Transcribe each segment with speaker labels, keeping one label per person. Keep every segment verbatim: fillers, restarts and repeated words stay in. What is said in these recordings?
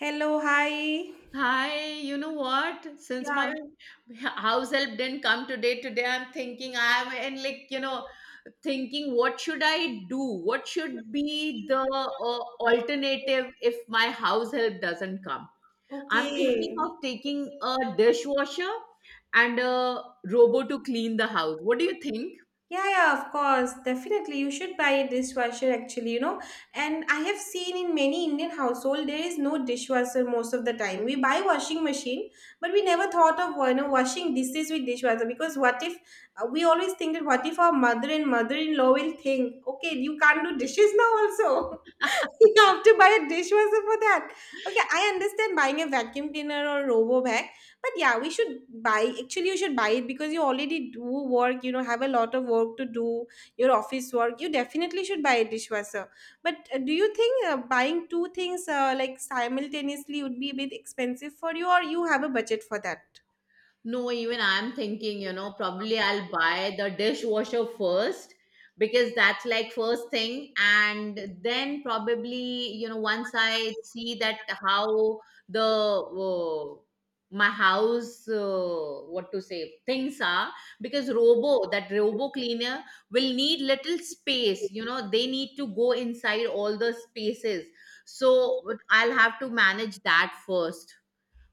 Speaker 1: Hello, hi.
Speaker 2: Hi, you know what? Since my
Speaker 1: Yeah,
Speaker 2: house help didn't come today, today I'm thinking I'm in like, you know, thinking what should I do? What should be the uh, alternative if my house help doesn't come? I'm thinking
Speaker 1: okay.
Speaker 2: of taking a dishwasher and a robot to clean the house. What do you think?
Speaker 1: Yeah, yeah, of course. Definitely, you should buy a dishwasher actually, you know. And I have seen in many Indian household there is no dishwasher most of the time. We buy washing machine, but we never thought of you know washing dishes with dishwasher because what if uh, we always think that what if our mother and mother-in-law will think, okay, you can't do dishes now also. You have to buy a dishwasher for that. Okay, I understand buying a vacuum cleaner or robo. But yeah, we should buy. Actually, you should buy it because you already do work, you know, have a lot of work to do, your office work. You definitely should buy a dishwasher. But uh, do you think uh, buying two things uh, like simultaneously would be a bit expensive for you, or you have a budget for that?
Speaker 2: No, even I'm thinking, you know, probably I'll buy the dishwasher first because that's like first thing. And then probably, you know, once I see that how the uh, my house, uh, what to say, things are, because robo, that robo cleaner will need little space, you know, they need to go inside all the spaces. So I'll have to manage that first,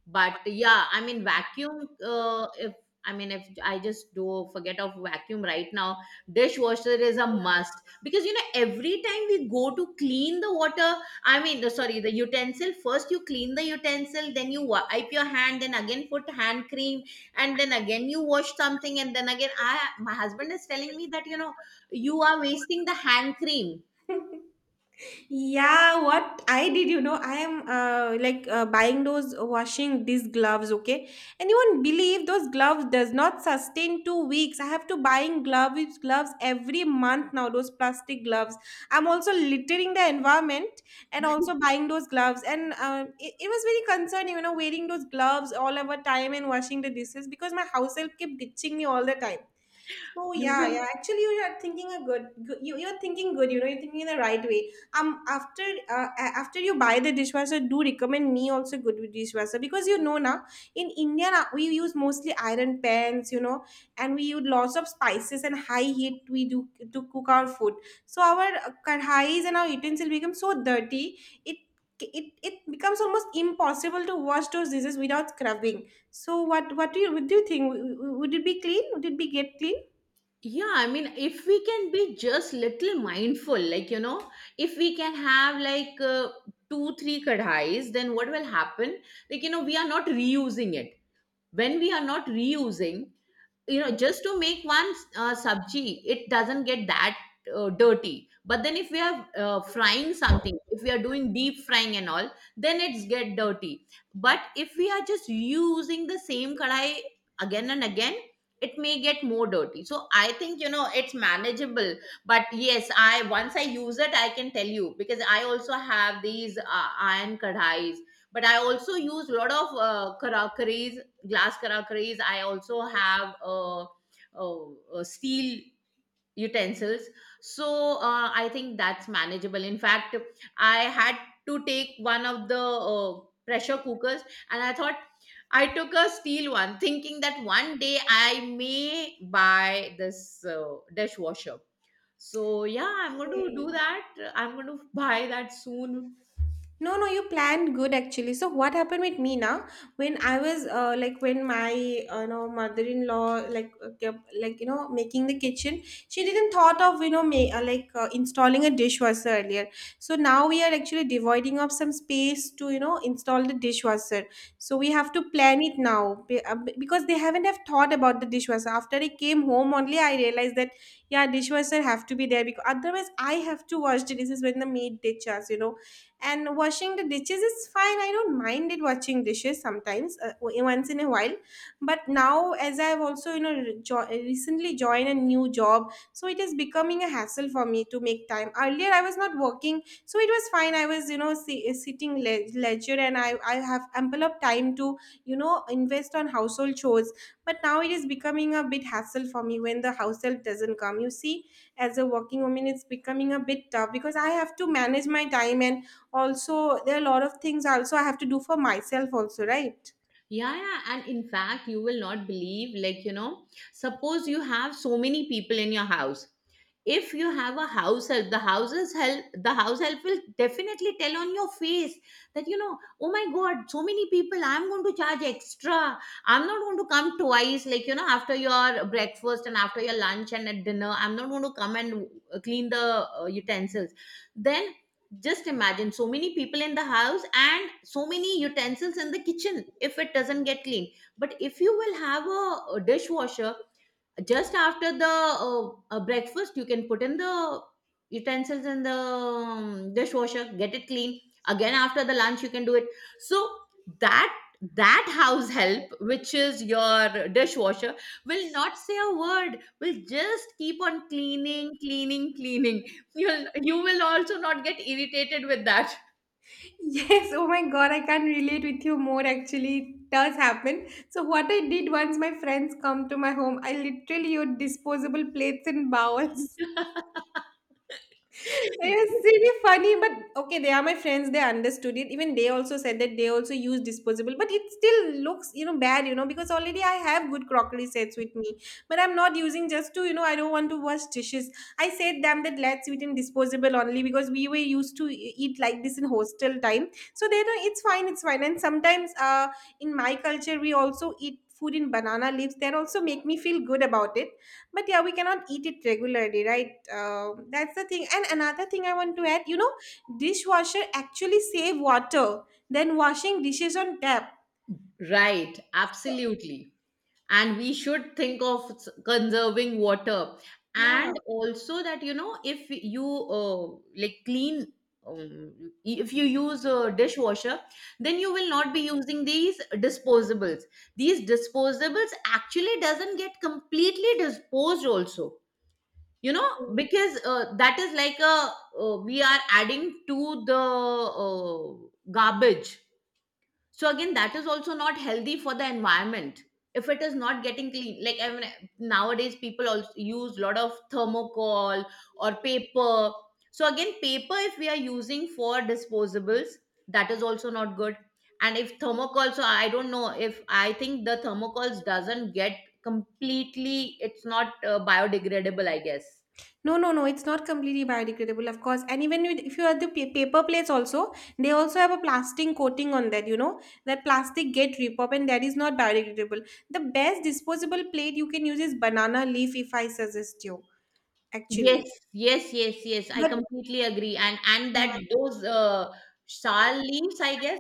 Speaker 2: but yeah, I mean vacuum, uh, if I mean if I just do forget of vacuum right now, dishwasher is a must because you know every time we go to clean the water, I mean the- sorry, the utensil, first you clean the utensil, then you wipe your hand, then again put hand cream, and then again you wash something, and then again I my husband is telling me that you know you are wasting the hand cream.
Speaker 1: Yeah, what I did, you know, I am uh, like uh, buying those uh, washing these gloves, okay? And you won't believe those gloves does not sustain two weeks. I have to buying gloves gloves every month now. Those plastic gloves. I'm also littering the environment and also buying those gloves. And uh, it, it was very concerning, you know, wearing those gloves all over time and washing the dishes because my house help kept ditching me all the time. So
Speaker 2: You
Speaker 1: yeah,
Speaker 2: will.
Speaker 1: yeah. Actually, you are thinking a good, good you you're thinking good. You know, you're thinking in the right way. Um, after uh, a- after you buy the dishwasher, do recommend me also good with dishwasher because you know now in India now, we use mostly iron pans, you know, and we use lots of spices and high heat we do to cook our food. So our uh, kadhais and our utensils become so dirty. It it it becomes almost impossible to wash those dishes without scrubbing. So what what do you what do you think? W- w- Would it be clean? Would it be get clean?
Speaker 2: Yeah, I mean, if we can be just little mindful, like, you know, if we can have like uh, two, three kadhais, then what will happen? Like, you know, we are not reusing it. When we are not reusing, you know, just to make one uh, sabji, it doesn't get that uh, dirty, but then if we are uh, frying something, if we are doing deep frying and all, then it's get dirty, but if we are just using the same kadai again and again, it may get more dirty, so I think you know it's manageable. But yes, I, once I use it, I can tell you because I also have these uh, iron kadais, but I also use a lot of uh, curries, glass karakris. I also have uh, uh, uh, steel utensils, so uh, I think that's manageable. In fact, I had to take one of the uh, pressure cookers, and I thought I took a steel one thinking that one day I may buy this uh, dishwasher. So yeah, I'm going to do
Speaker 1: Yeah.
Speaker 2: that. I'm going to buy that soon.
Speaker 1: No, no, you planned good actually. So what happened with me now? When I was uh, like when my uh, you know mother-in-law like uh, kept like you know making the kitchen, she didn't thought of you know ma- uh, like uh, installing a dishwasher earlier. So now we are actually dividing up some space to you know install the dishwasher. So we have to plan it now be- uh, be- because they haven't have thought about the dishwasher. After I came home only, I realized that yeah, dishwasher have to be there because otherwise I have to wash the dishes when the maid ditches. You know, and washing the dishes is fine. I don't mind it washing dishes sometimes, uh, w- once in a while. But now as I've also, you know, re- jo- recently joined a new job, so it is becoming a hassle for me to make time. Earlier I was not working, so it was fine. I was, you know, si- uh, sitting le- leisure and i i have ample of time to you know invest on household chores, but now it is becoming a bit hassle for me when the house help doesn't come, you see. As a working woman, it's becoming a bit tough because I have to manage my time and also there are a lot of things also I have to do for myself also, right?
Speaker 2: Yeah, yeah, and in fact, you will not believe, like, you know, suppose you have so many people in your house. If you have a house help, the house's help, the house help will definitely tell on your face that, you know, oh my God, so many people, I'm going to charge extra. I'm not going to come twice, like, you know, after your breakfast and after your lunch and at dinner, I'm not going to come and uh, clean the uh, utensils. Then just imagine so many people in the house and so many utensils in the kitchen, if it doesn't get clean. But if you will have a, a dishwasher, just after the uh, uh, breakfast, you can put in the utensils in the um, dishwasher, get it clean. Again after the lunch you can do it. So that, that house help, which is your dishwasher, will not say a word, will just keep on cleaning, cleaning, cleaning. You'll you will also not get irritated with that.
Speaker 1: Yes, oh my god, I can relate with you more actually. It does happen. So, what I did, once my friends come to my home, I literally used disposable plates and bowls. It's really funny, but okay, they are my friends. They understood it. Even they also said that they also use disposable, but it still looks, you know, bad, you know, because already I have good crockery sets with me, but I'm not using just to, you know, I don't want to wash dishes. I said them that let's eat in disposable only because we were used to e- eat like this in hostel time. So they know it's fine, it's fine. And sometimes, uh, in my culture, we also eat food in banana leaves. That also make me feel good about it, but yeah, we cannot eat it regularly, right? Um, that's the thing. And another thing I want to add, you know, dishwasher actually save water than washing dishes on tap.
Speaker 2: Right.
Speaker 1: So-
Speaker 2: Absolutely. And we should think of s- conserving water,
Speaker 1: yeah,
Speaker 2: and also that, you know, if you uh, like clean, um, if you use a dishwasher, then you will not be using these disposables. These disposables actually doesn't get completely disposed also, you know,
Speaker 1: okay.
Speaker 2: because uh, that is like a, uh, we are adding to the uh, garbage, so again that is also not healthy for the environment if it is not getting clean. Like, I mean nowadays people also use a lot of thermocol or paper, so again, paper, if we are using for disposables, that is also not good. And if thermocol, so I don't know, if I think the thermocols doesn't get completely, it's not uh, biodegradable, I guess.
Speaker 1: No, no, no, it's not completely biodegradable, of course. And even with, if you have the pa- paper plates also, they also have a plastic coating on that, you know. That plastic get rip up and that is not biodegradable. The best disposable plate you can use is banana leaf, if I suggest you,
Speaker 2: yes
Speaker 1: actually.
Speaker 2: yes yes yes, I
Speaker 1: But
Speaker 2: completely agree. And and that, those uh, shal leaves, I guess.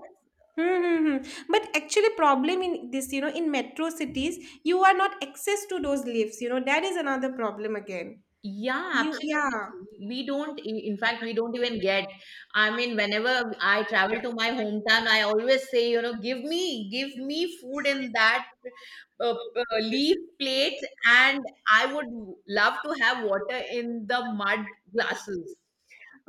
Speaker 1: hmm, hmm, hmm. But actually, problem in this, you know, in metro cities, you are not access to those lifts. You know, that is another problem again.
Speaker 2: Yeah,
Speaker 1: You, yeah.
Speaker 2: absolutely. We don't, i- in fact, we don't even get. I mean, whenever I travel to my hometown, I always say, you know, give me, give me food in that uh, uh, leaf plate, and I would love to have water in the mud glasses.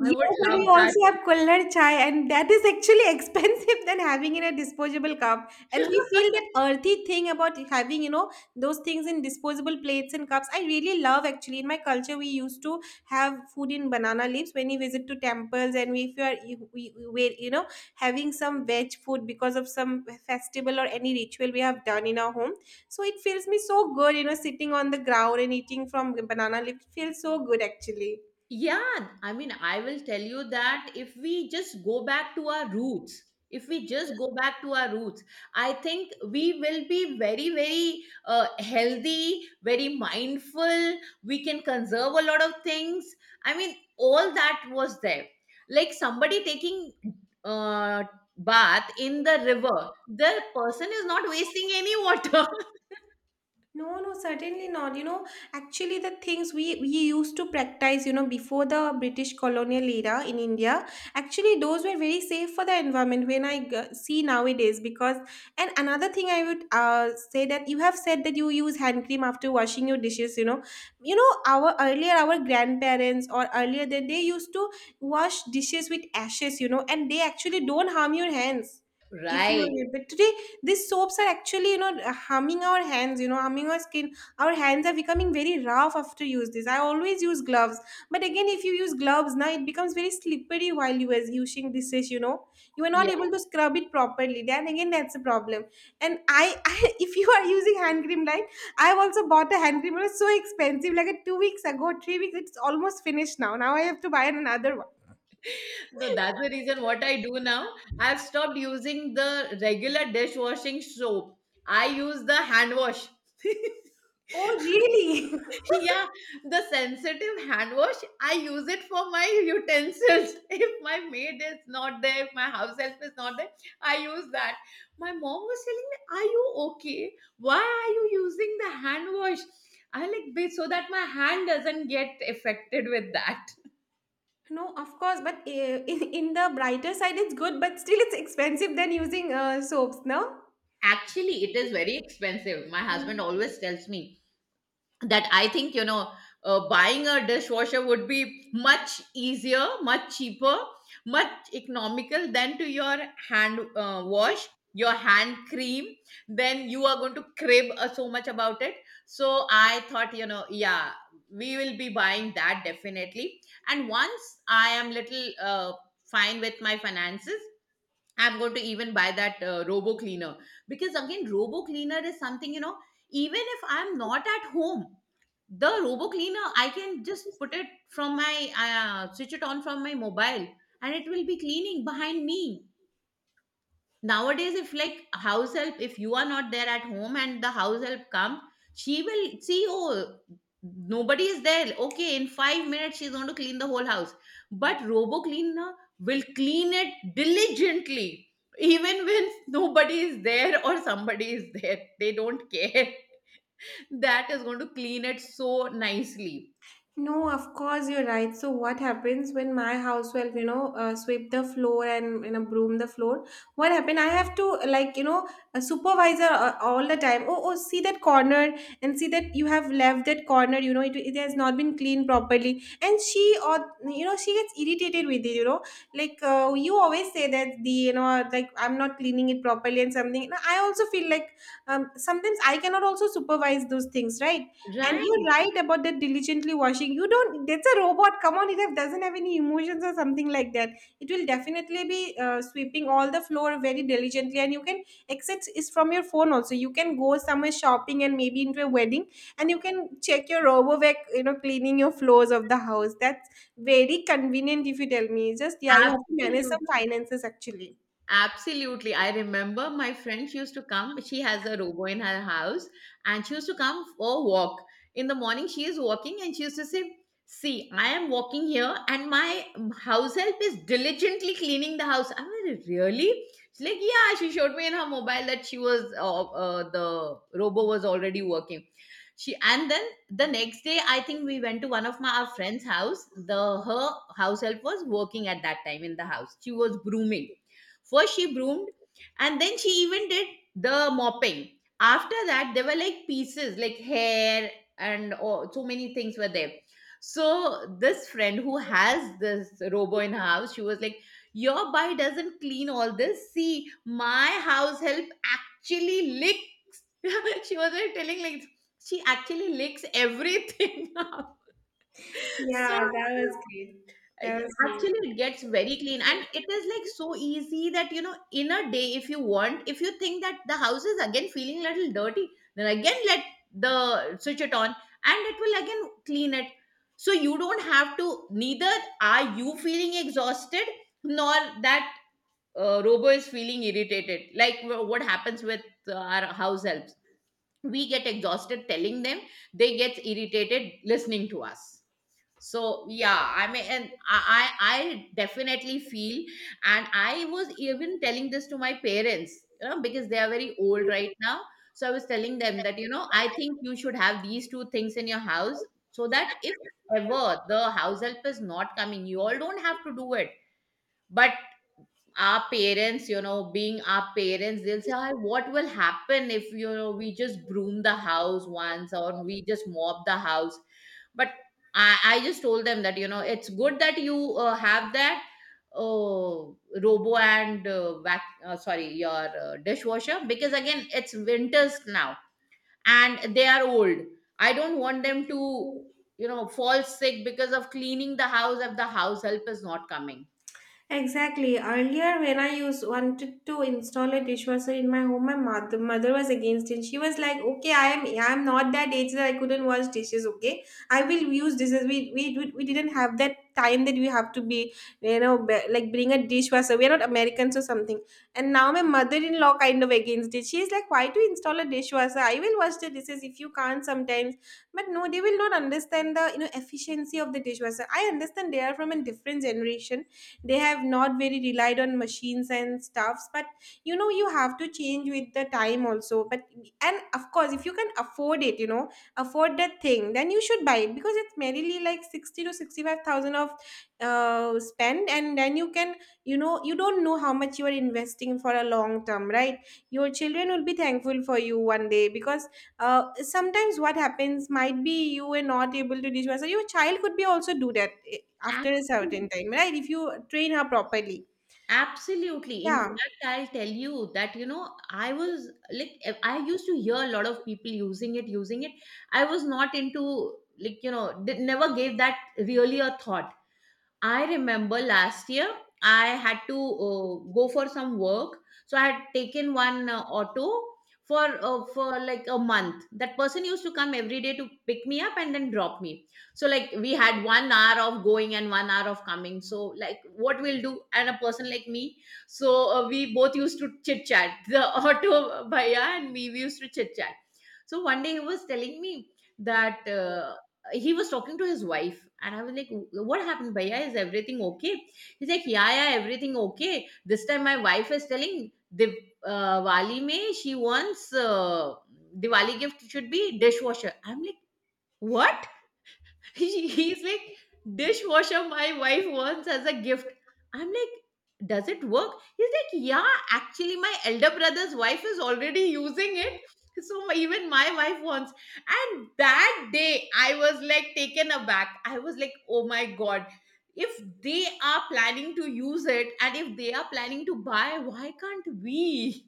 Speaker 2: I would
Speaker 1: and
Speaker 2: love
Speaker 1: we
Speaker 2: that.
Speaker 1: also have Kulhad chai, and that is actually expensive than having in a disposable cup. And we feel that earthy thing about having, you know, those things in disposable plates and cups. I really love actually. In my culture, we used to have food in banana leaves when we visit to temples, and we- if you are, you- we, we were, you know, having some veg food because of some festival or any ritual we have done in our home. So it feels me so good, you know, sitting on the ground and eating from banana leaf. It feels so good actually.
Speaker 2: Yeah, I mean, I will tell you that if we just go back to our roots, if we just go back to our roots, I think we will be very, very uh, healthy, very mindful. We can conserve a lot of things. I mean, all that was there. Like somebody taking uh, bath in the river, the person is not wasting any water.
Speaker 1: No, no, certainly not. You know, actually, the things we, we used to practice, you know, before the British colonial era in India, actually, those were very safe for the environment when I g- see nowadays. Because, and another thing I would uh, say, that you have said that you use hand cream after washing your dishes, you know. You know, our earlier, our grandparents or earlier that they used to wash dishes with ashes, you know, and they actually don't harm your hands. If you are,
Speaker 2: Right.
Speaker 1: but today these soaps are actually you know harming our hands, you know, harming our skin. Our hands are becoming very rough after use this. I always use gloves, but again, if you use gloves now, it becomes very slippery while you are using this dish, you know. You are not able to scrub it properly, then again that's a problem. And i, I if you are using hand cream right. I've also bought a hand cream. It was so expensive, like a two weeks ago, three weeks, it's almost finished now. Now I have to buy another one.
Speaker 2: No, that's the reason what I do now. I've stopped using the regular dishwashing soap. I use the hand wash.
Speaker 1: Oh really?
Speaker 2: Yeah, the sensitive hand wash, I use it for my utensils. If my maid is not there, if my house help is not there, I use that. My mom was telling me, are you okay? Why are you using the hand wash? I like, "Be- so that my hand doesn't get affected with that."
Speaker 1: No, of course, but uh, in, in the brighter side, it's good, but still it's expensive than using uh, soaps, no?
Speaker 2: Actually, it is very expensive. My husband always tells me that I think, you know, uh, buying a dishwasher would be much easier, much cheaper, much economical than to your hand uh, wash, your hand cream. Then you are going to crib uh, so much about it. So I thought, you know, yeah, we will be buying that definitely. And once I am little uh, fine with my finances, I'm going to even buy that uh, robo cleaner because again, robo cleaner is something, you know, even if I'm not at home, the robo cleaner I can just put it from my uh, switch it on from my mobile, and it will be cleaning behind me. Nowadays, if like house help, if you are not there at home and the house help come, she will see, oh, nobody is there, okay, in 5 minutes she's going to clean the whole house. But robo cleaner will clean it diligently even when nobody is there, or somebody is there, they don't care, that is going to clean it so nicely.
Speaker 1: No, of course you're right. So what happens when my housewife, you know, uh, sweep the floor and you know broom the floor? What happened? I have to like you know a supervisor uh, all the time. Oh, oh, see that corner and see that you have left that corner. You know, it, it has not been cleaned properly, and she or you know she gets irritated with it. You know, like uh, you always say that the you know like I'm not cleaning it properly and something. No, I also feel like um, sometimes I cannot also supervise those things, right? And
Speaker 2: Right.
Speaker 1: you're right about that diligently washing. You don't, that's a robot. Come on, it have- doesn't have any emotions or something like that. It will definitely be uh, sweeping all the floor very diligently. And you can, except is from your phone also. You can go somewhere shopping and maybe into a wedding and you can check your RoboVac, you know, cleaning your floors of the house. That's very convenient if you tell me. Just, yeah, you have to manage some
Speaker 2: Absolutely.
Speaker 1: finances actually.
Speaker 2: Absolutely. I remember my friend, she used to come. She has a robo in her house, and she used to come for a walk. In the morning, she is walking and she used to say, "See, I am walking here and my house help is diligently cleaning the house." I'm like, "Really?" She's like, "Yeah," she showed me in her mobile that she was, uh, uh, the robo was already working. She and then the next day, I think we went to one of my our friend's house. The her house help was working at that time in the house. She was brooming. First, she broomed, and then she even did the mopping. After that, there were like pieces, like hair, and oh, so many things were there. So, this friend who has this robo in her house, she was like, "Your boy doesn't clean all this. See, my house help actually lick." She was like telling, like, she actually licks everything up. So,
Speaker 1: Yeah, that was great. That was great.
Speaker 2: actually it gets very clean and it is like so easy that, you know, in a day, if you want, if you think that the house is again feeling a little dirty, then again let the switch it on, and it will again clean it. So you don't have to, neither are you feeling exhausted, nor that uh, robo is feeling irritated, like wh- what happens with uh, our house helps. We get exhausted telling them, they get irritated listening to us. So yeah, I mean, and i i I definitely feel, and I was even telling this to my parents, you know, because they are very old right now, so I was telling them that, you know, I think you should have these two things in your house, so that if ever the house help is not coming, you all don't have to do it. But our parents, you know, being our parents, they'll say, "Ah, what will happen if you know we just broom the house once or we just mop the house?" But I, I just told them that, you know, it's good that you uh, have that uh, robo and uh, vac- uh, sorry, your uh, dishwasher, because again it's winters now and they are old. I don't want them to, you know, fall sick because of cleaning the house if the house help is not coming.
Speaker 1: Exactly. Earlier, when I used wanted to install a dishwasher in my home, my mother, mother was against it. She was like, "Okay, I am I am not that age that I couldn't wash dishes. Okay, I will use dishes. We we we we didn't have that time that we have to be, you know, be- like bring a dishwasher. We are not Americans or something." And now my mother-in-law kind of against it. She's like, "Why to install a dishwasher? I will wash the dishes if you can't sometimes." But no, they will not understand the you know efficiency of the dishwasher. I understand they are from a different generation. They have not very relied on machines and stuffs, but you know you have to change with the time also. But and of course, if you can afford it, you know, afford that thing, then you should buy it because it's merely like sixty to 65 thousand of uh, spend, and then you can, you know, you don't know how much you are investing for a long term, right? Your children will be thankful for you one day because uh, sometimes what happens might be you were not able to dish yourself. Your child could be also do that eh, after a certain
Speaker 2: Absolutely.
Speaker 1: time, right? If you train her properly.
Speaker 2: Absolutely. In
Speaker 1: Yeah.
Speaker 2: fact, I'll tell you that, you know, I was like, e, I used to hear a lot of people using it, using it. I was not into, like, you know, did, never gave that really a thought. I remember last year I had to uh, go for some work, so I had taken one uh, auto for uh, for like a month. That person used to come every day to pick me up and then drop me. So like we had one hour of going and one hour of coming. So like what we'll do, and a person like me, so uh, we both used to chit chat. The auto bhaiya and me, we used to chit chat. So one day he was telling me that uh, he was talking to his wife, and I was like, "What happened, bhaiya, is everything okay?" He's like, "Yeah, yeah, everything okay, this time my wife is telling, div uh, wali mein, she wants uh, diwali gift should be dishwasher." I'm like, "What?" He's like, "Dishwasher my wife wants as a gift." I'm like, "Does it work?" He's like, "Yeah, actually, my elder brother's wife is already using it. So my- even my wife wants." And that day, I was like taken aback. I was like, oh my God, if they are planning to use it and if they are planning to buy, why can't we?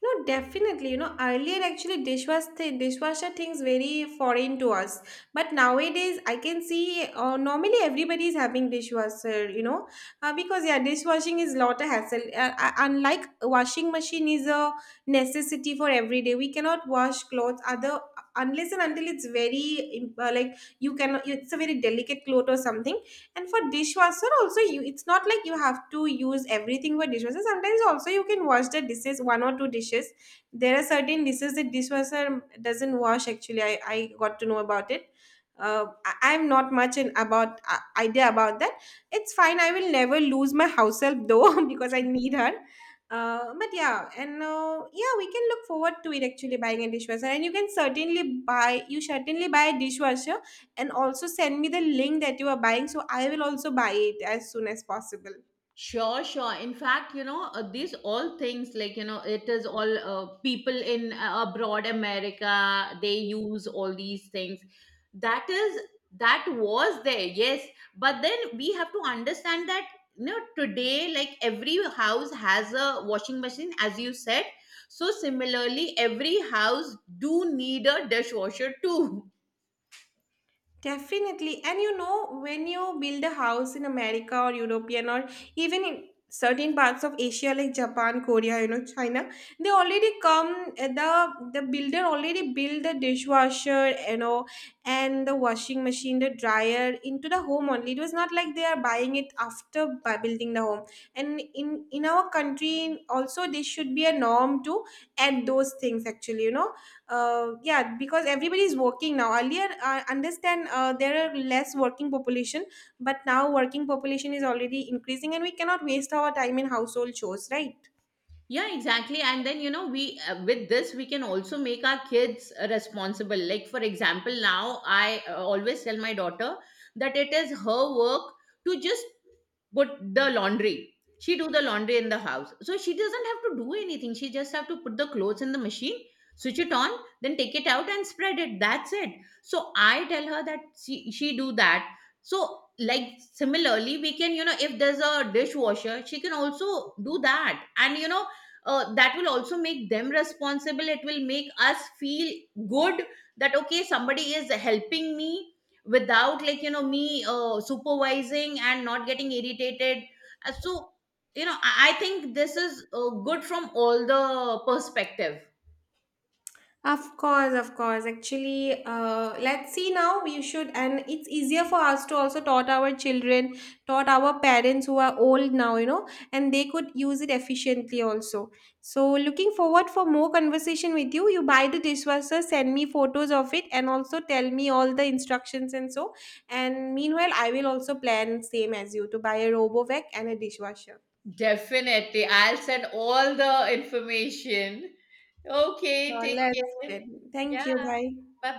Speaker 1: No, definitely. You know, earlier actually dishwash th- dishwasher things very foreign to us. But nowadays, I can see uh, normally everybody is having dishwasher. You know, uh, because yeah, dishwashing is lot of hassle. Uh, uh, unlike washing machine is a necessity for every day. We cannot wash clothes other unless and until it's very im- uh, like you cannot. It's a very delicate cloth or something. And for dishwasher also you it's not like you have to use everything for dishwasher. Sometimes also you can wash the dishes one or two dishes. There are certain dishes that dishwasher doesn't wash actually. i, I got to know about it. uh, I, I'm not much in about uh, idea about that. It's fine, I will never lose my house help though because I need her. Uh, but yeah, and uh, yeah, we can look forward to it, actually buying a dishwasher. And you can certainly buy you certainly buy a dishwasher, and also send me the link that you are buying so I will also buy it as soon as possible.
Speaker 2: Sure, sure. In fact, you know, uh, these all things like, you know, it is all uh, people in uh, abroad America, they use all these things. That is, that was there, yes. But then we have to understand that, you know, today, like every house has a washing machine, as you said. So similarly, every house do need a dishwasher too.
Speaker 1: Definitely. And you know, when you build a house in America or European or even in certain parts of Asia like Japan, Korea, you know, China, they already come eh, the the builder already build the dishwasher, you know, and the washing machine, the dryer into the home only. It was not like they are buying it after by building the home. And in in our country also this should be a norm to add those things actually, you know. Uh, yeah, because everybody is working now. Earlier I understand uh, there are less working population, but now working population is already increasing, and we cannot waste our time in household chores, right?
Speaker 2: Yeah, exactly. And then, you know, we uh, with this, we can also make our kids uh, responsible. Like, for example, now I uh, always tell my daughter that it is her work to just but the laundry, she do the laundry in the house. So she doesn't have to do anything. She just have to put the clothes in the machine, switch it on, then take it out and spread it. That's it. So I tell her that she, she do that. So like similarly, we can, you know, if there's a dishwasher, she can also do that. And you know, uh, that will also make them responsible. It will make us feel good that okay, somebody is helping me without like you know me uh, supervising and not getting irritated. Uh, so you know, i, I think this is uh, good from all the perspective.
Speaker 1: Of course, of course. Actually, uh, let's see now. We should, and it's easier for us to also taught our children, taught our parents who are old now, you know, and they could use it efficiently also. So, looking forward for more conversation with you. You buy the dishwasher, send me photos of it, and also tell me all the instructions and so. And meanwhile, I will also plan same as you to buy a RoboVac and a dishwasher.
Speaker 2: Definitely. I'll send all the information.
Speaker 1: So
Speaker 2: Okay, take
Speaker 1: let's.
Speaker 2: care.
Speaker 1: Thank
Speaker 2: Yeah,
Speaker 1: you. Bye.
Speaker 2: bye bye.